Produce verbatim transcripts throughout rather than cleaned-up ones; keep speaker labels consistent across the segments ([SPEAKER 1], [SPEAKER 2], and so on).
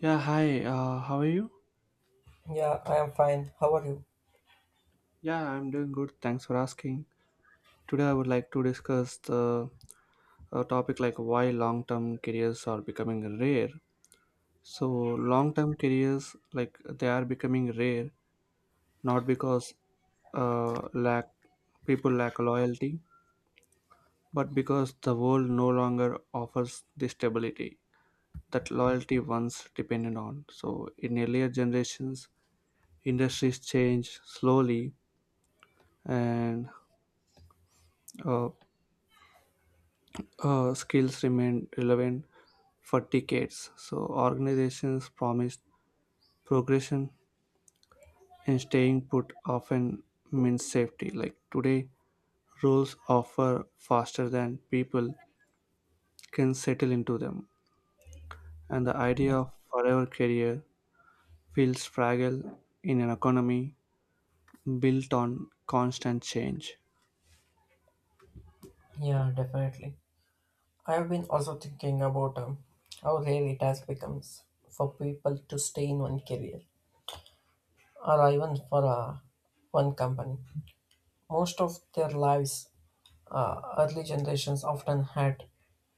[SPEAKER 1] Yeah, hi. Uh, how are you?
[SPEAKER 2] Yeah, I am fine. How are you?
[SPEAKER 1] Yeah, I'm doing good. Thanks for asking. Today, I would like to discuss the uh, topic like why long-term careers are becoming rare. So, long-term careers like they are becoming rare, not because uh, lack people lack loyalty, but because the world no longer offers the stability that loyalty once depended on. So, in earlier generations, industries changed slowly and uh, uh, skills remained relevant for decades. So organizations promised progression and staying put often means safety. Like today, roles offer faster than people can settle into them. And the idea of forever career feels fragile in an economy built on constant change.
[SPEAKER 2] Yeah, definitely. I have been also thinking about um, how rare it has become for people to stay in one career or even for uh, one company. Most of their lives, uh, early generations often had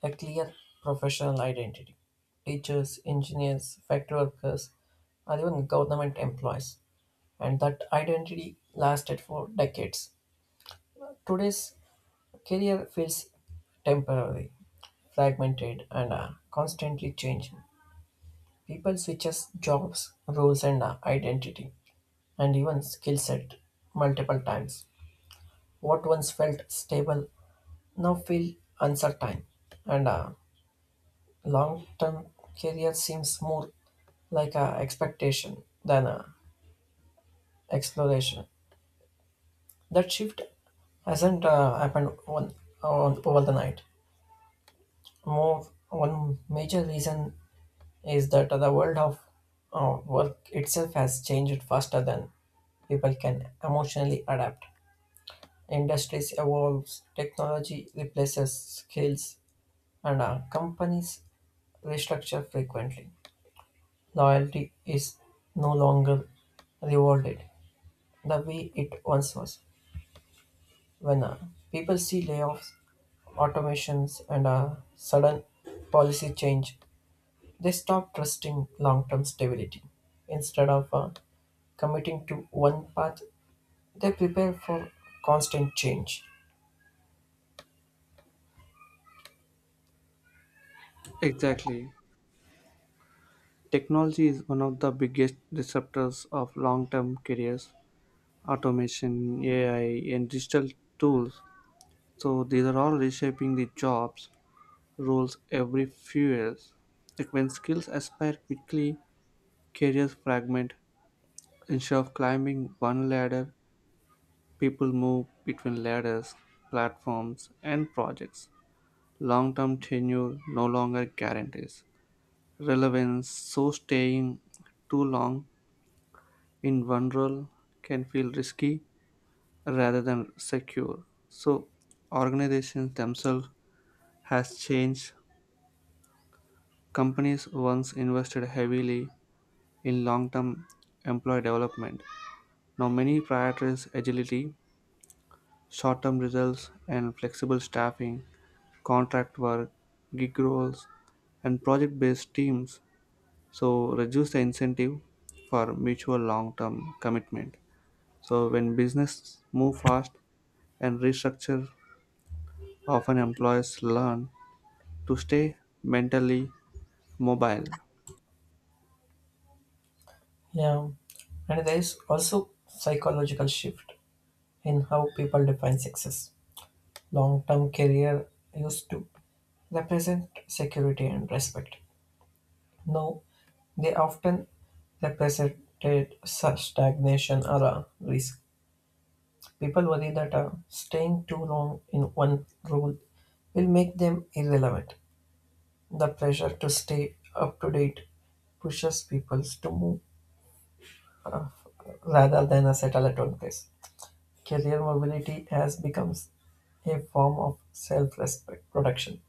[SPEAKER 2] a clear professional identity. Teachers, engineers, factory workers, or even government employees. And that identity lasted for decades. Today's career feels temporary fragmented and uh, constantly changing. People switches jobs, roles, and uh, identity, and even skill set multiple times. What once felt stable now feel uncertain, and uh, long-term career seems more like a expectation than a exploration. That shift hasn't uh, happened on, on over the night. More one major reason is that the world of uh, work itself has changed faster than people can emotionally adapt. Industries evolves, technology replaces skills, and uh, companies restructure frequently. Loyalty is no longer rewarded the way it once was. When uh, people see layoffs, automations, and a sudden policy change, they stop trusting long term stability. Instead of uh, committing to one path, they prepare for constant change.
[SPEAKER 1] Exactly. Technology is one of the biggest disruptors of long term careers automation, A I, and digital tools. So these are all reshaping the jobs roles every few years. Like when skills aspire quickly, careers fragment. Instead of climbing one ladder, people move between ladders, platforms, and projects. Long-term tenure no longer guarantees relevance, so staying too long in one role can feel risky rather than secure. So organizations themselves has changed. Companies once invested heavily in long-term employee development. Now many prioritize agility, short-term results and flexible staffing, contract work, gig roles and project-based teams. So reduce the incentive for mutual long-term commitment. So when business move fast and restructure, often employees learn to stay mentally mobile.
[SPEAKER 2] Yeah, and there is also psychological shift in how people define success. Long term career used to represent security and respect. Now, they often represented such stagnation or a risk. People worry that uh, staying too long in one role will make them irrelevant. The pressure to stay up to date pushes people to move rather than uh, settle at one place. Career mobility has become a form of self respect production,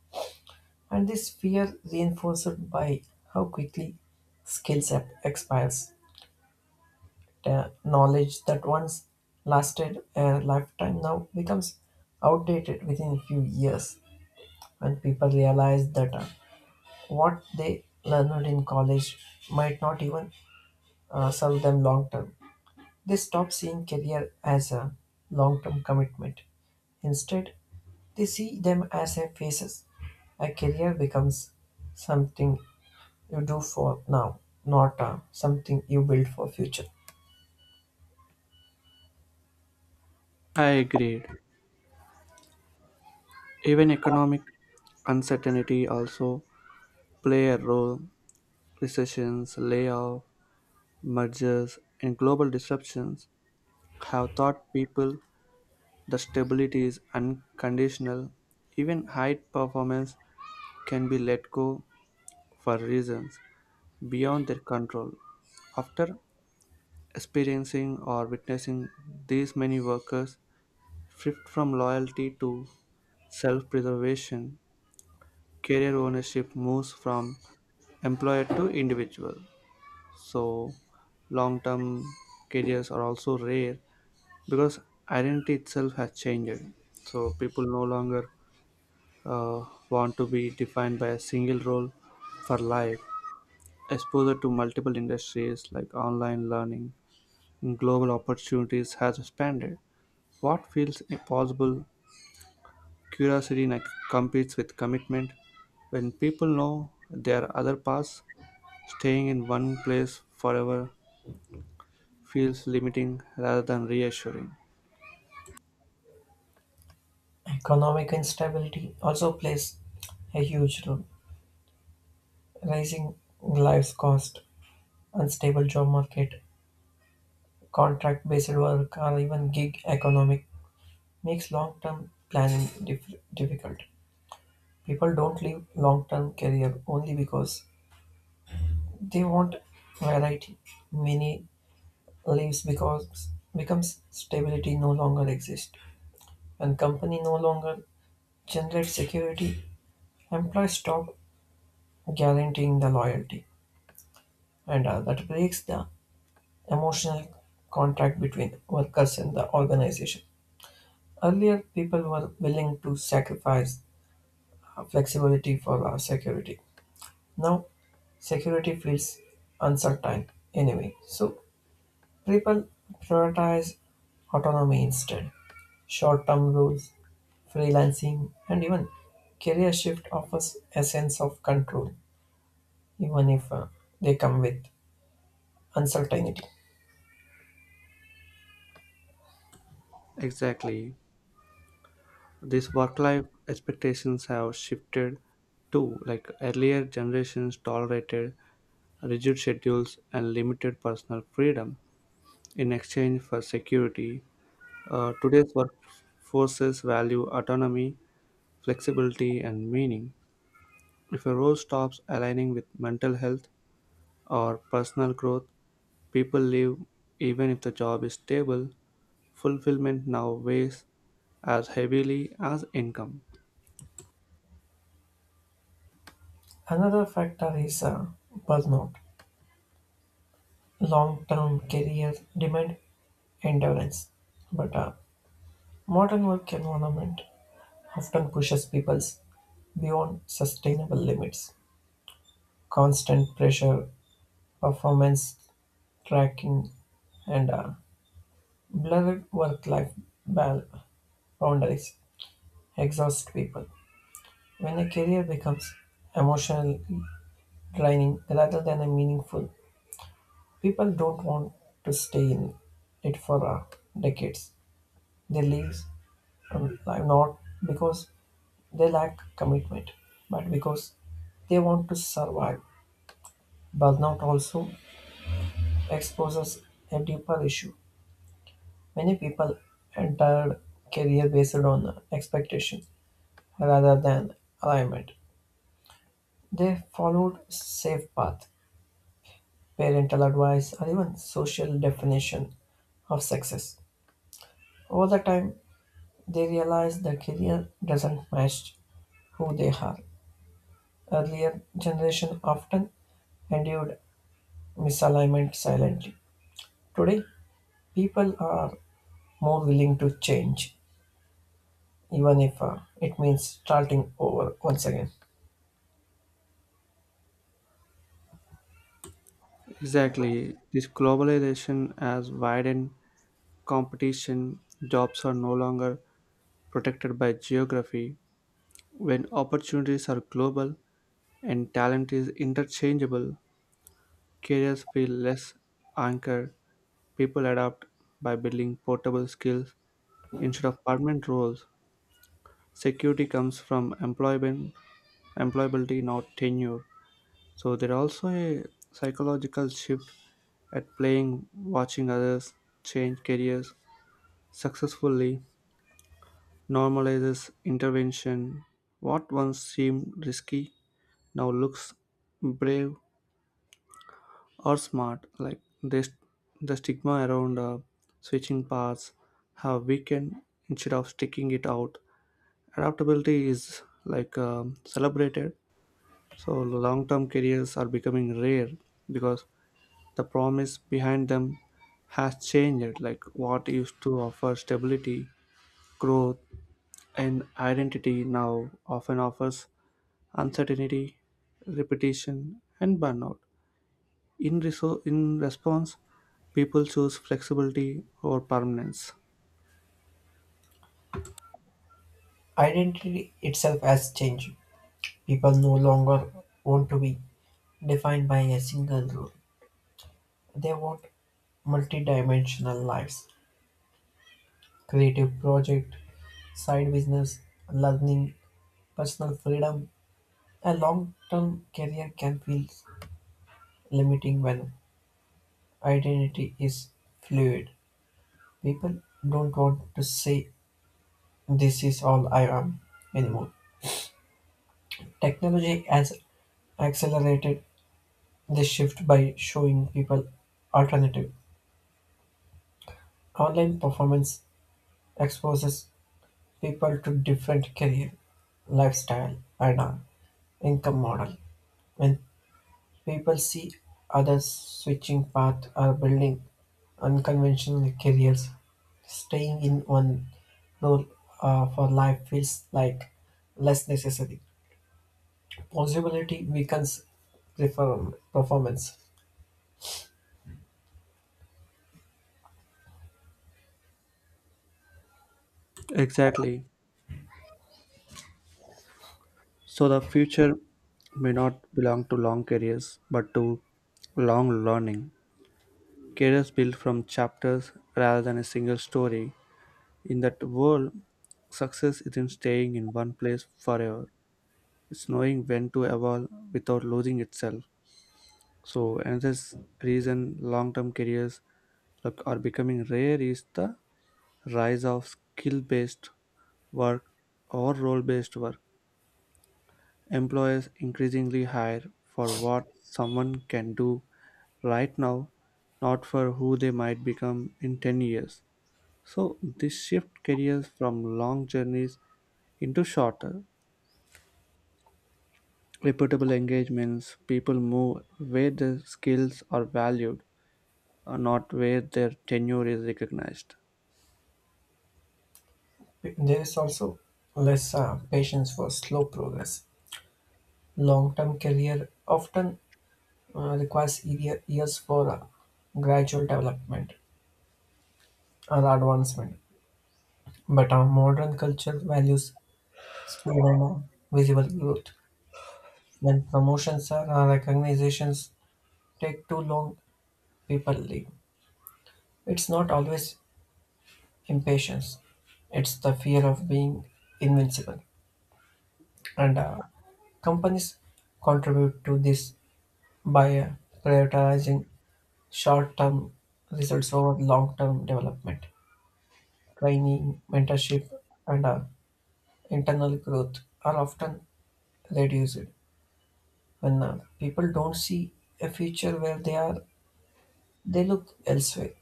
[SPEAKER 2] and this fear reinforced by how quickly skills ap- expires. The knowledge that once lasted a lifetime now becomes outdated within a few years. When people realize that uh, what they learned in college might not even uh, serve them long term. They stop seeing career as a long term commitment. Instead, they see them as a phases. A career becomes something you do for now, not uh, something you build for future.
[SPEAKER 1] I agreed. Even economic uncertainty also play a role. Recessions, layoffs, mergers, and global disruptions have taught people that stability is unconditional. Even high performance can be let go for reasons beyond their control. After experiencing or witnessing these many workers shift from loyalty to self preservation, career ownership moves from employer to individual. So, long term careers are also rare because identity itself has changed. So, people no longer uh, want to be defined by a single role for life. Exposure to multiple industries like online learning, and global opportunities has expanded. What feels possible Curiosity like competes with commitment. When people know there are other paths, staying in one place forever feels limiting rather than reassuring.
[SPEAKER 2] Economic instability also plays a huge role. Rising life cost, unstable job market, contract-based work or even gig economy makes long-term planning dif- difficult. People don't leave long-term career only because they want variety. Many leaves because becomes stability no longer exists. When company no longer generate security, employees stop guaranteeing the loyalty, and uh, that breaks the emotional contract between workers and the organization. Earlier, people were willing to sacrifice uh, flexibility for our security. Now, security feels uncertain anyway, so people prioritize autonomy instead. Short term rules, freelancing, and even career shift offers a sense of control, even if uh, they come with uncertainty.
[SPEAKER 1] Exactly. These work life expectations have shifted too. Like earlier generations tolerated rigid schedules and limited personal freedom in exchange for security. Uh, today's workforces value autonomy, flexibility, and meaning. If a role stops aligning with mental health or personal growth, people leave even if the job is stable. Fulfillment now weighs as heavily as income.
[SPEAKER 2] Another factor is uh, burnout, long term career demand endurance. But a modern work environment often pushes people beyond sustainable limits, constant pressure, performance tracking, and a blurred work life boundaries exhaust people. When a career becomes emotionally draining rather than a meaningful, people don't want to stay in it for uh, decades. They leave um, like, not because they lack commitment, but because they want to survive. Burnout also exposes a deeper issue. Many people enter career based on expectation rather than alignment. They followed safe path, parental advice, or even social definition of success. Over the time, they realize their career doesn't match who they are. Earlier generation often endured misalignment silently. Today, people are more willing to change even if uh, it means starting over once again.
[SPEAKER 1] Exactly. This globalization has widened competition. Jobs are no longer protected by geography. When opportunities are global and talent is interchangeable, careers feel less anchored. People adapt by building portable skills instead of permanent roles, security comes from employment, employability, not tenure. So there also a psychological shift at playing, watching others change careers successfully normalizes intervention. What once seemed risky now looks brave or smart. Like this, the stigma around uh, switching paths have weakened instead of sticking it out. Adaptability is like um, celebrated so long-term careers are becoming rare because the promise behind them has changed like what used to offer stability growth and identity now often offers uncertainty repetition and burnout in, reso- in response people choose flexibility over permanence
[SPEAKER 2] Identity itself has changed. People no longer want to be defined by a single rule. They want multidimensional lives, creative project, side business, learning, personal freedom. A long-term career can feel limiting when identity is fluid. People don't want to say this is all I am anymore. Technology has accelerated this shift by showing people alternative online performance exposes people to different career, lifestyle, and uh, income model. When people see others switching path or building unconventional careers, staying in one role uh, for life feels like less necessary. Possibility weakens perform performance.
[SPEAKER 1] exactly. So the future may not belong to long careers, but to long learning. Careers built from chapters rather than a single story. In that world, success isn't staying in one place forever. It's knowing when to evolve without losing itself. So another s- reason long-term careers look, are becoming rare is the rise of skill-based work or role-based work. Employers increasingly hire for what someone can do right now, not for who they might become in ten years. So, this shift careers from long journeys into shorter, reputable engagements. People move where their skills are valued, uh, not where their tenure is recognized.
[SPEAKER 2] There is also less uh, patience for slow progress. Long-term career often uh, requires ye- years for uh, gradual development or advancement, but our modern culture values speed and uh, visible growth. When promotions or uh, recognitions take too long, people leave. It's not always impatience; it's the fear of being invincible, and uh, companies contribute to this by uh, prioritizing short-term results over long-term development. Training, mentorship, and uh, internal growth are often reduced when uh, people don't see a future where they are. They look elsewhere.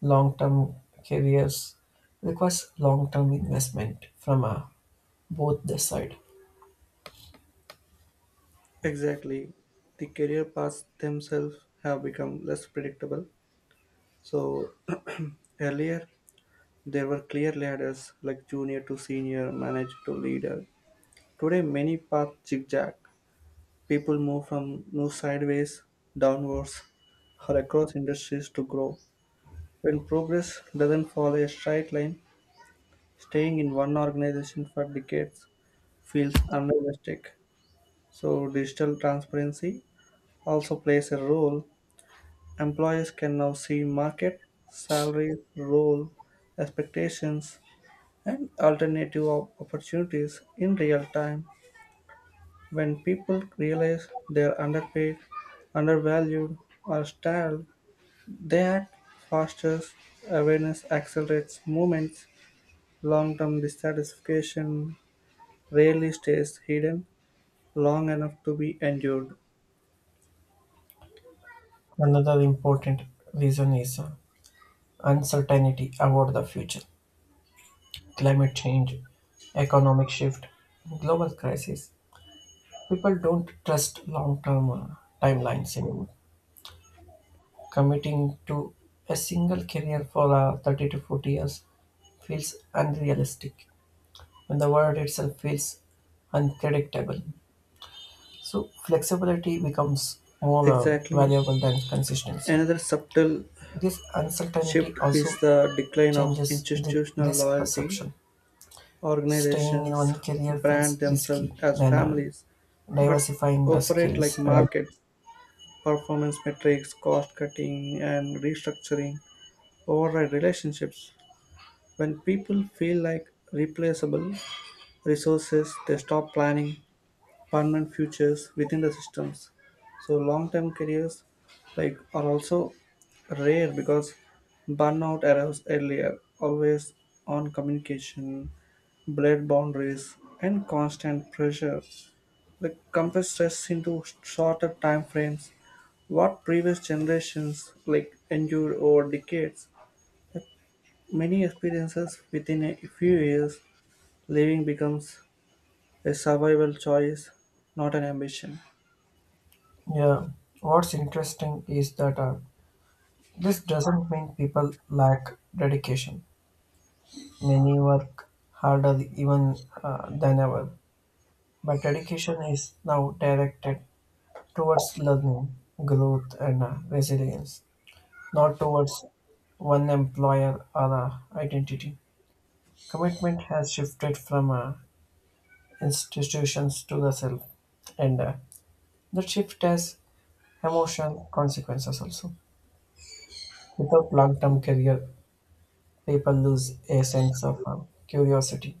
[SPEAKER 2] Long-term careers requires long-term investment from uh, both the side.
[SPEAKER 1] Exactly. The career paths themselves have become less predictable. So, earlier there were clear ladders, like junior to senior, manager to leader. Today many paths zigzag. People move from new sideways, downwards, or across industries to grow. When progress doesn't follow a straight line, staying in one organization for decades feels unrealistic. So digital transparency also plays a role. Employers can now see market, salary, role, expectations, and alternative op- opportunities in real time when people realize they are underpaid, undervalued, or stalled. That fosters awareness, accelerates movements. Long term dissatisfaction rarely stays hidden long enough to be endured.
[SPEAKER 2] Another important reason is uh, uncertainty about the future. Climate change, economic shift, global crisis. People don't trust long-term uh, timelines anymore. Committing to a single career for uh, thirty to forty years feels unrealistic when the world itself feels unpredictable. So, flexibility becomes more uh,
[SPEAKER 1] Exactly.
[SPEAKER 2] valuable than consistency.
[SPEAKER 1] Another subtle
[SPEAKER 2] This uncertainty
[SPEAKER 1] shift is
[SPEAKER 2] also
[SPEAKER 1] the decline of
[SPEAKER 2] changes the
[SPEAKER 1] institutional
[SPEAKER 2] risk
[SPEAKER 1] loyalty.
[SPEAKER 2] perception. Staying in
[SPEAKER 1] Organizations
[SPEAKER 2] one career
[SPEAKER 1] brand
[SPEAKER 2] feels
[SPEAKER 1] themselves
[SPEAKER 2] risky
[SPEAKER 1] as
[SPEAKER 2] than uh,
[SPEAKER 1] families, but
[SPEAKER 2] diversifying the
[SPEAKER 1] operate like
[SPEAKER 2] skills. And
[SPEAKER 1] markets. Performance metrics, cost cutting, and restructuring override relationships. When people feel like replaceable resources, they stop planning permanent futures within the systems. So long-term careers like are also rare because burnout arrives earlier, always on communication, blurred boundaries, and constant pressure. Like compress stress into shorter time frames, what previous generations like endured over decades. Many experiences within a few years, living becomes a survival choice, not an ambition.
[SPEAKER 2] yeah, what's interesting is that uh, this doesn't mean people lack dedication. Many work harder even uh, than ever, but education is now directed towards learning, growth, and uh, resilience, not towards one employer or uh, identity. Commitment has shifted from uh, institutions to the self, and uh, that shift has emotional consequences also. Without long term career, people lose a sense of uh, curiosity.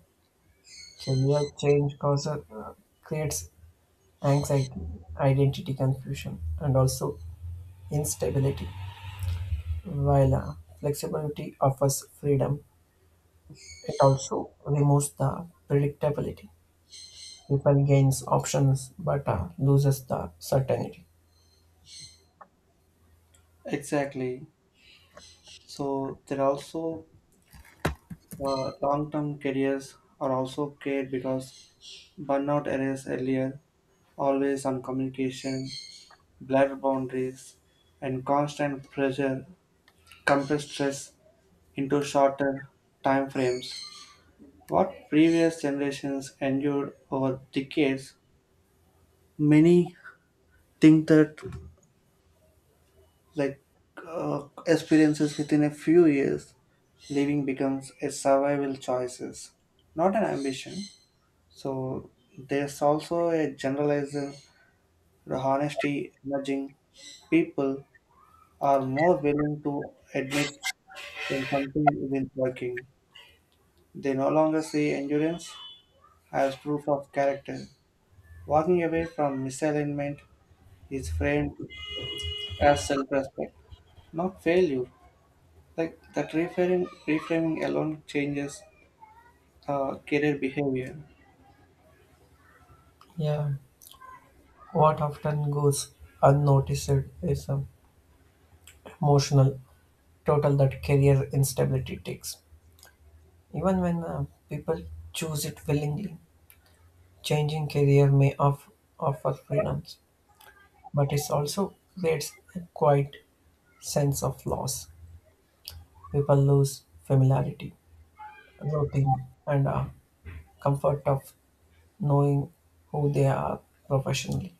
[SPEAKER 2] Career change causes, uh, creates anxiety, identity confusion, and also instability. While uh, flexibility offers freedom, it also removes the predictability. People gains options but uh, loses the certainty.
[SPEAKER 1] Exactly. So there are also uh, long-term careers are also cared because burnout arose earlier, always on communication, blurred boundaries, and constant pressure compress stress into shorter time frames. What previous generations endured over decades, many think that like uh, experiences within a few years, living becomes a survival choices, not an ambition. So there's also a generalized honesty emerging. People are more willing to admit when something isn't working. They no longer see endurance as proof of character. Walking away from misalignment is framed as self-respect, not failure. Like that reframing, reframing alone changes uh, career behavior.
[SPEAKER 2] Yeah, what often goes unnoticed is um, emotional total that career instability takes. Even when uh, people choose it willingly, changing career may off- offer freedoms, but it also creates a quiet sense of loss. People lose familiarity, routine, and a comfort of knowing who they are professionally.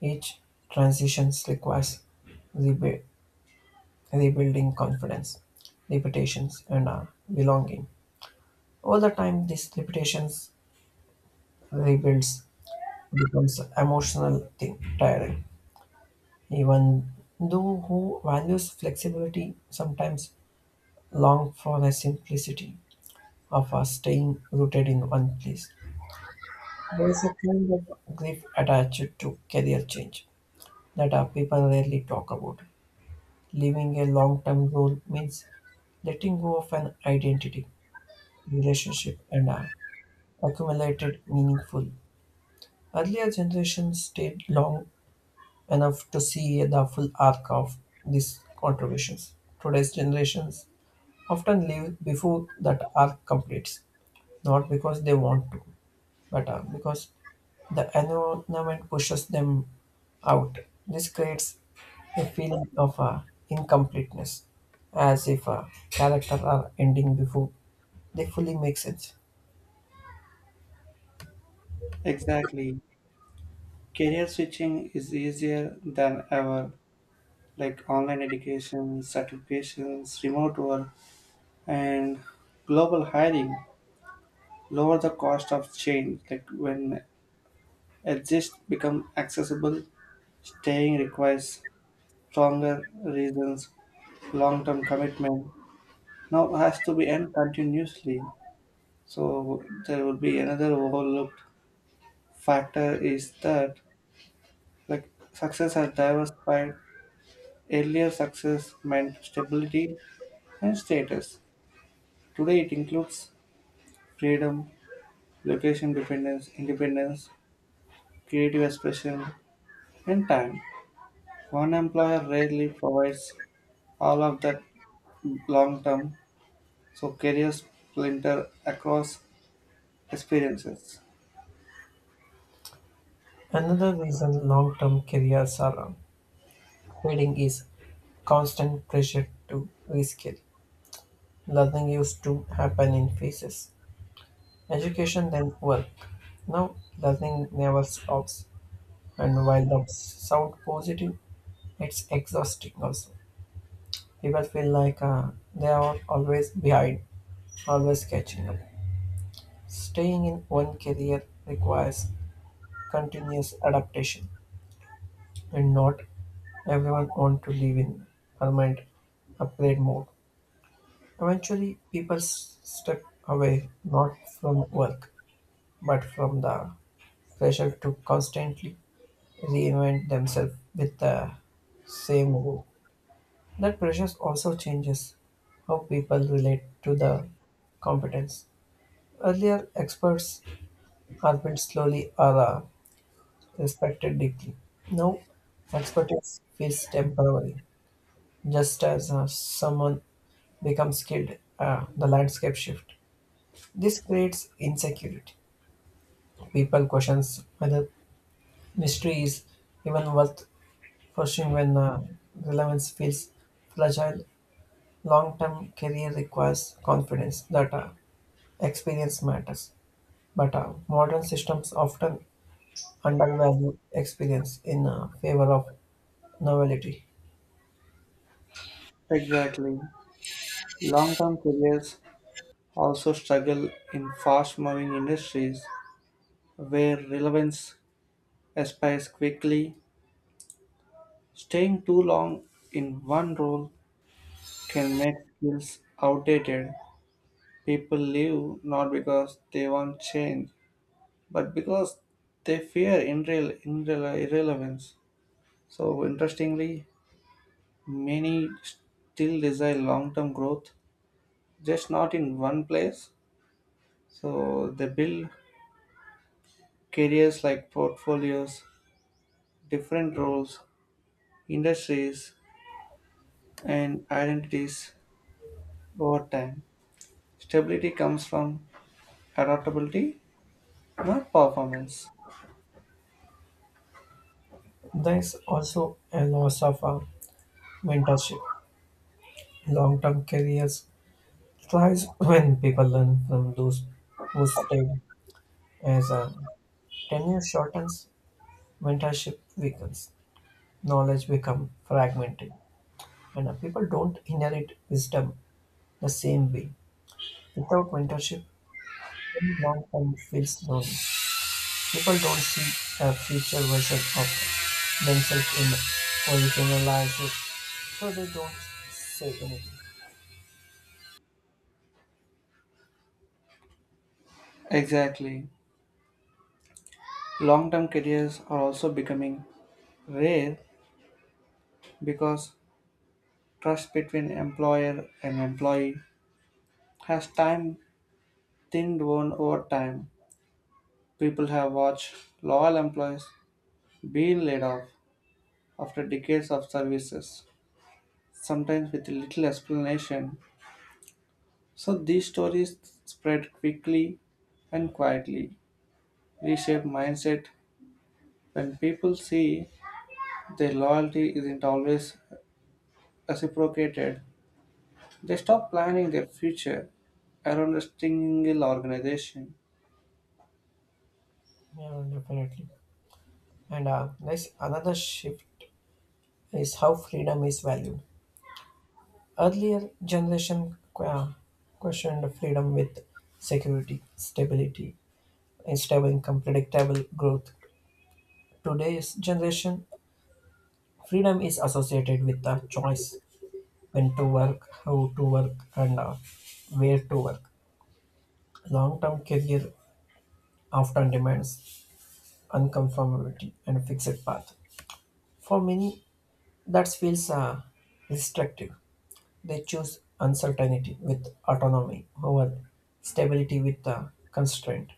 [SPEAKER 2] Each transition requires rebu- rebuilding confidence, reputations, and a belonging. Over the time, these reputations rebuilds becomes emotional thing, tiring. Even though who values flexibility sometimes long for the simplicity of a staying rooted in one place. There is a kind of grief attached to career change that our people rarely talk about. Leaving a long term role means letting go of an identity, relationship, and a accumulated meaningful. Earlier generations stayed long enough to see the full arc of these contributions. Today's generations often leave before that arc completes, not because they want to, better because the environment pushes them out. This creates a feeling of uh, incompleteness, as if a character are ending before they fully make sense.
[SPEAKER 1] Exactly. Career switching is easier than ever like online education, certifications, remote work, and global hiring lower the cost of change. Like when exists become accessible, staying requires stronger reasons, long-term commitment. Now has to be end continuously. So there will be another overlooked factor is that like success has diversified. Earlier success meant stability and status. Today it includes freedom, location dependence, independence, creative expression, and time. One employer rarely provides all of that long term, so careers splinter across experiences.
[SPEAKER 2] Another reason long-term careers are uh, fading is constant pressure to reskill. Learning used to happen in phases. Education then work. Now learning never stops and while that sounds positive, it's exhausting also. People feel like uh, they are always behind, always catching up. Staying in one career requires continuous adaptation, and not everyone wants to live in permanent upgrade mode. Eventually, people s- step away not from work but from the pressure to constantly reinvent themselves with the same rule. That pressure also changes how people relate to the competence. Earlier, experts happened slowly or uh, respected deeply. Now, expertise feels temporary, just as uh, someone becomes skilled, uh, the landscape shifts. This creates insecurity. People questions whether mystery is even worth pursuing when uh, relevance feels fragile. Long-term career requires confidence that uh, experience matters, but uh, modern systems often undervalue experience in uh, favor of novelty.
[SPEAKER 1] Exactly. Long term careers also struggle in fast moving industries where relevance aspires quickly. Staying too long in one role can make skills outdated. People leave not because they want change, but because they fear irrel- irrel- irrelevance. So, interestingly, many still desire long term growth, just not in one place. So, they build careers like portfolios, different roles, industries, and identities over time. Stability comes from adaptability, not performance.
[SPEAKER 2] There is also a loss of uh, mentorship. Long-term careers thrives when people learn from those who stay. As uh, tenure shortens, mentorship weakens. Knowledge become fragmented, and uh, people don't inherit wisdom the same way. Without mentorship, long-term feels lonely. People don't see a future version of themselves in originalizes, so they don't say anything.
[SPEAKER 1] Exactly. Long term careers are also becoming rare because trust between employer and employee has time thinned down over time. People have watched loyal employees being laid off after decades of services, sometimes with little explanation. So these stories spread quickly and quietly, reshape mindset when people see their loyalty isn't always reciprocated. They stop planning their future around a single organization.
[SPEAKER 2] Yeah, definitely. And uh, next, another shift is how freedom is valued. Earlier generation uh, questioned freedom with security, stability, stable income, predictable growth. Today's generation, freedom is associated with the choice when to work, how to work, and uh, where to work. Long-term career often demands unconformity and a fixed path. For many, that feels uh, restrictive. They choose uncertainty with autonomy over stability with uh, constraint.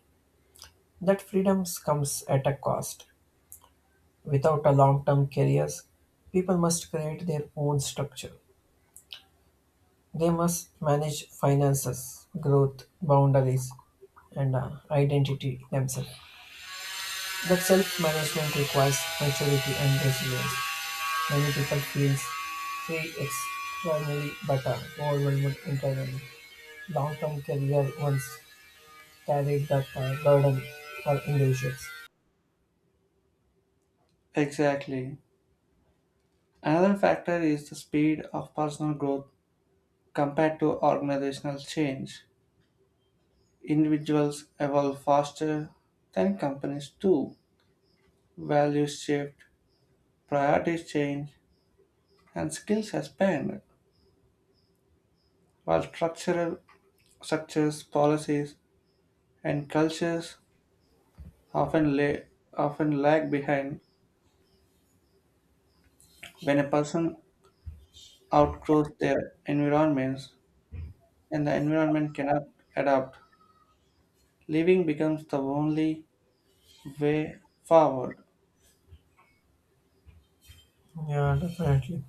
[SPEAKER 2] That freedom comes at a cost. Without a long-term careers, people must create their own structure. They must manage finances, growth, boundaries, and uh, identity themselves. But self-management requires maturity and resilience. Many people feel free externally but are overwhelmed internally. Long-term career once carried that uh, burden for individuals.
[SPEAKER 1] Exactly. Another factor is the speed of personal growth compared to organizational change. Individuals evolve faster than companies do. Values shift, priorities change, and skills expand, while structural structures, policies, and cultures often, lay, often lag behind. When a person outgrows their environments and the environment cannot adapt, living becomes the only way forward.
[SPEAKER 2] Yeah, definitely.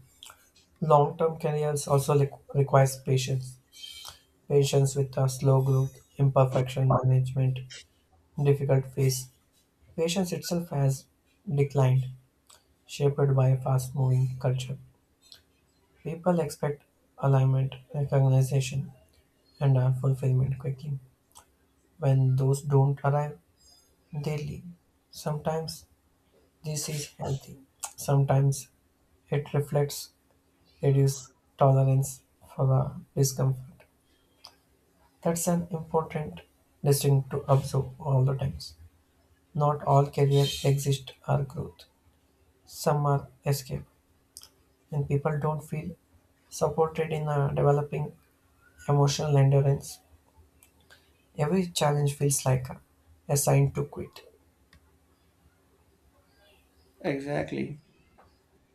[SPEAKER 2] Long-term careers also re- requires patience. Patience with uh, slow growth, imperfection management, difficult phase. Patience itself has declined, shaped by a fast-moving culture. People expect alignment, recognition, and uh, fulfillment quickly. When those don't arrive, they leave. Sometimes this is healthy. Sometimes it reflects reduced tolerance for the discomfort. That's an important distinction to observe all the times. Not all careers exist or growth. Some are escape, and people don't feel supported in uh, developing emotional endurance. Every challenge feels like a, a sign to quit.
[SPEAKER 1] Exactly.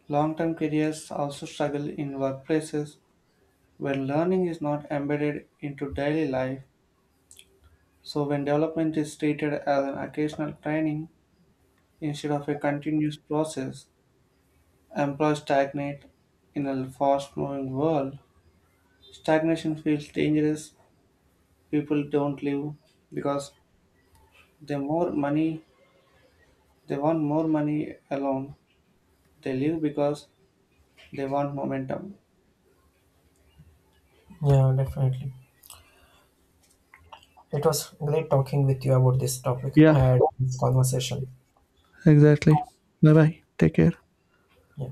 [SPEAKER 1] Long term careers also struggle in workplaces when learning is not embedded into daily life. So, when development is treated as an occasional training instead of a continuous process, employees stagnate in a fast moving world. Stagnation feels dangerous. People don't live because they more money they want more money alone. They live because they want momentum.
[SPEAKER 2] Yeah, definitely. It was great talking with you about this topic.
[SPEAKER 1] Yeah,
[SPEAKER 2] I had this conversation.
[SPEAKER 1] exactly. Bye bye. Take care.
[SPEAKER 2] Yeah.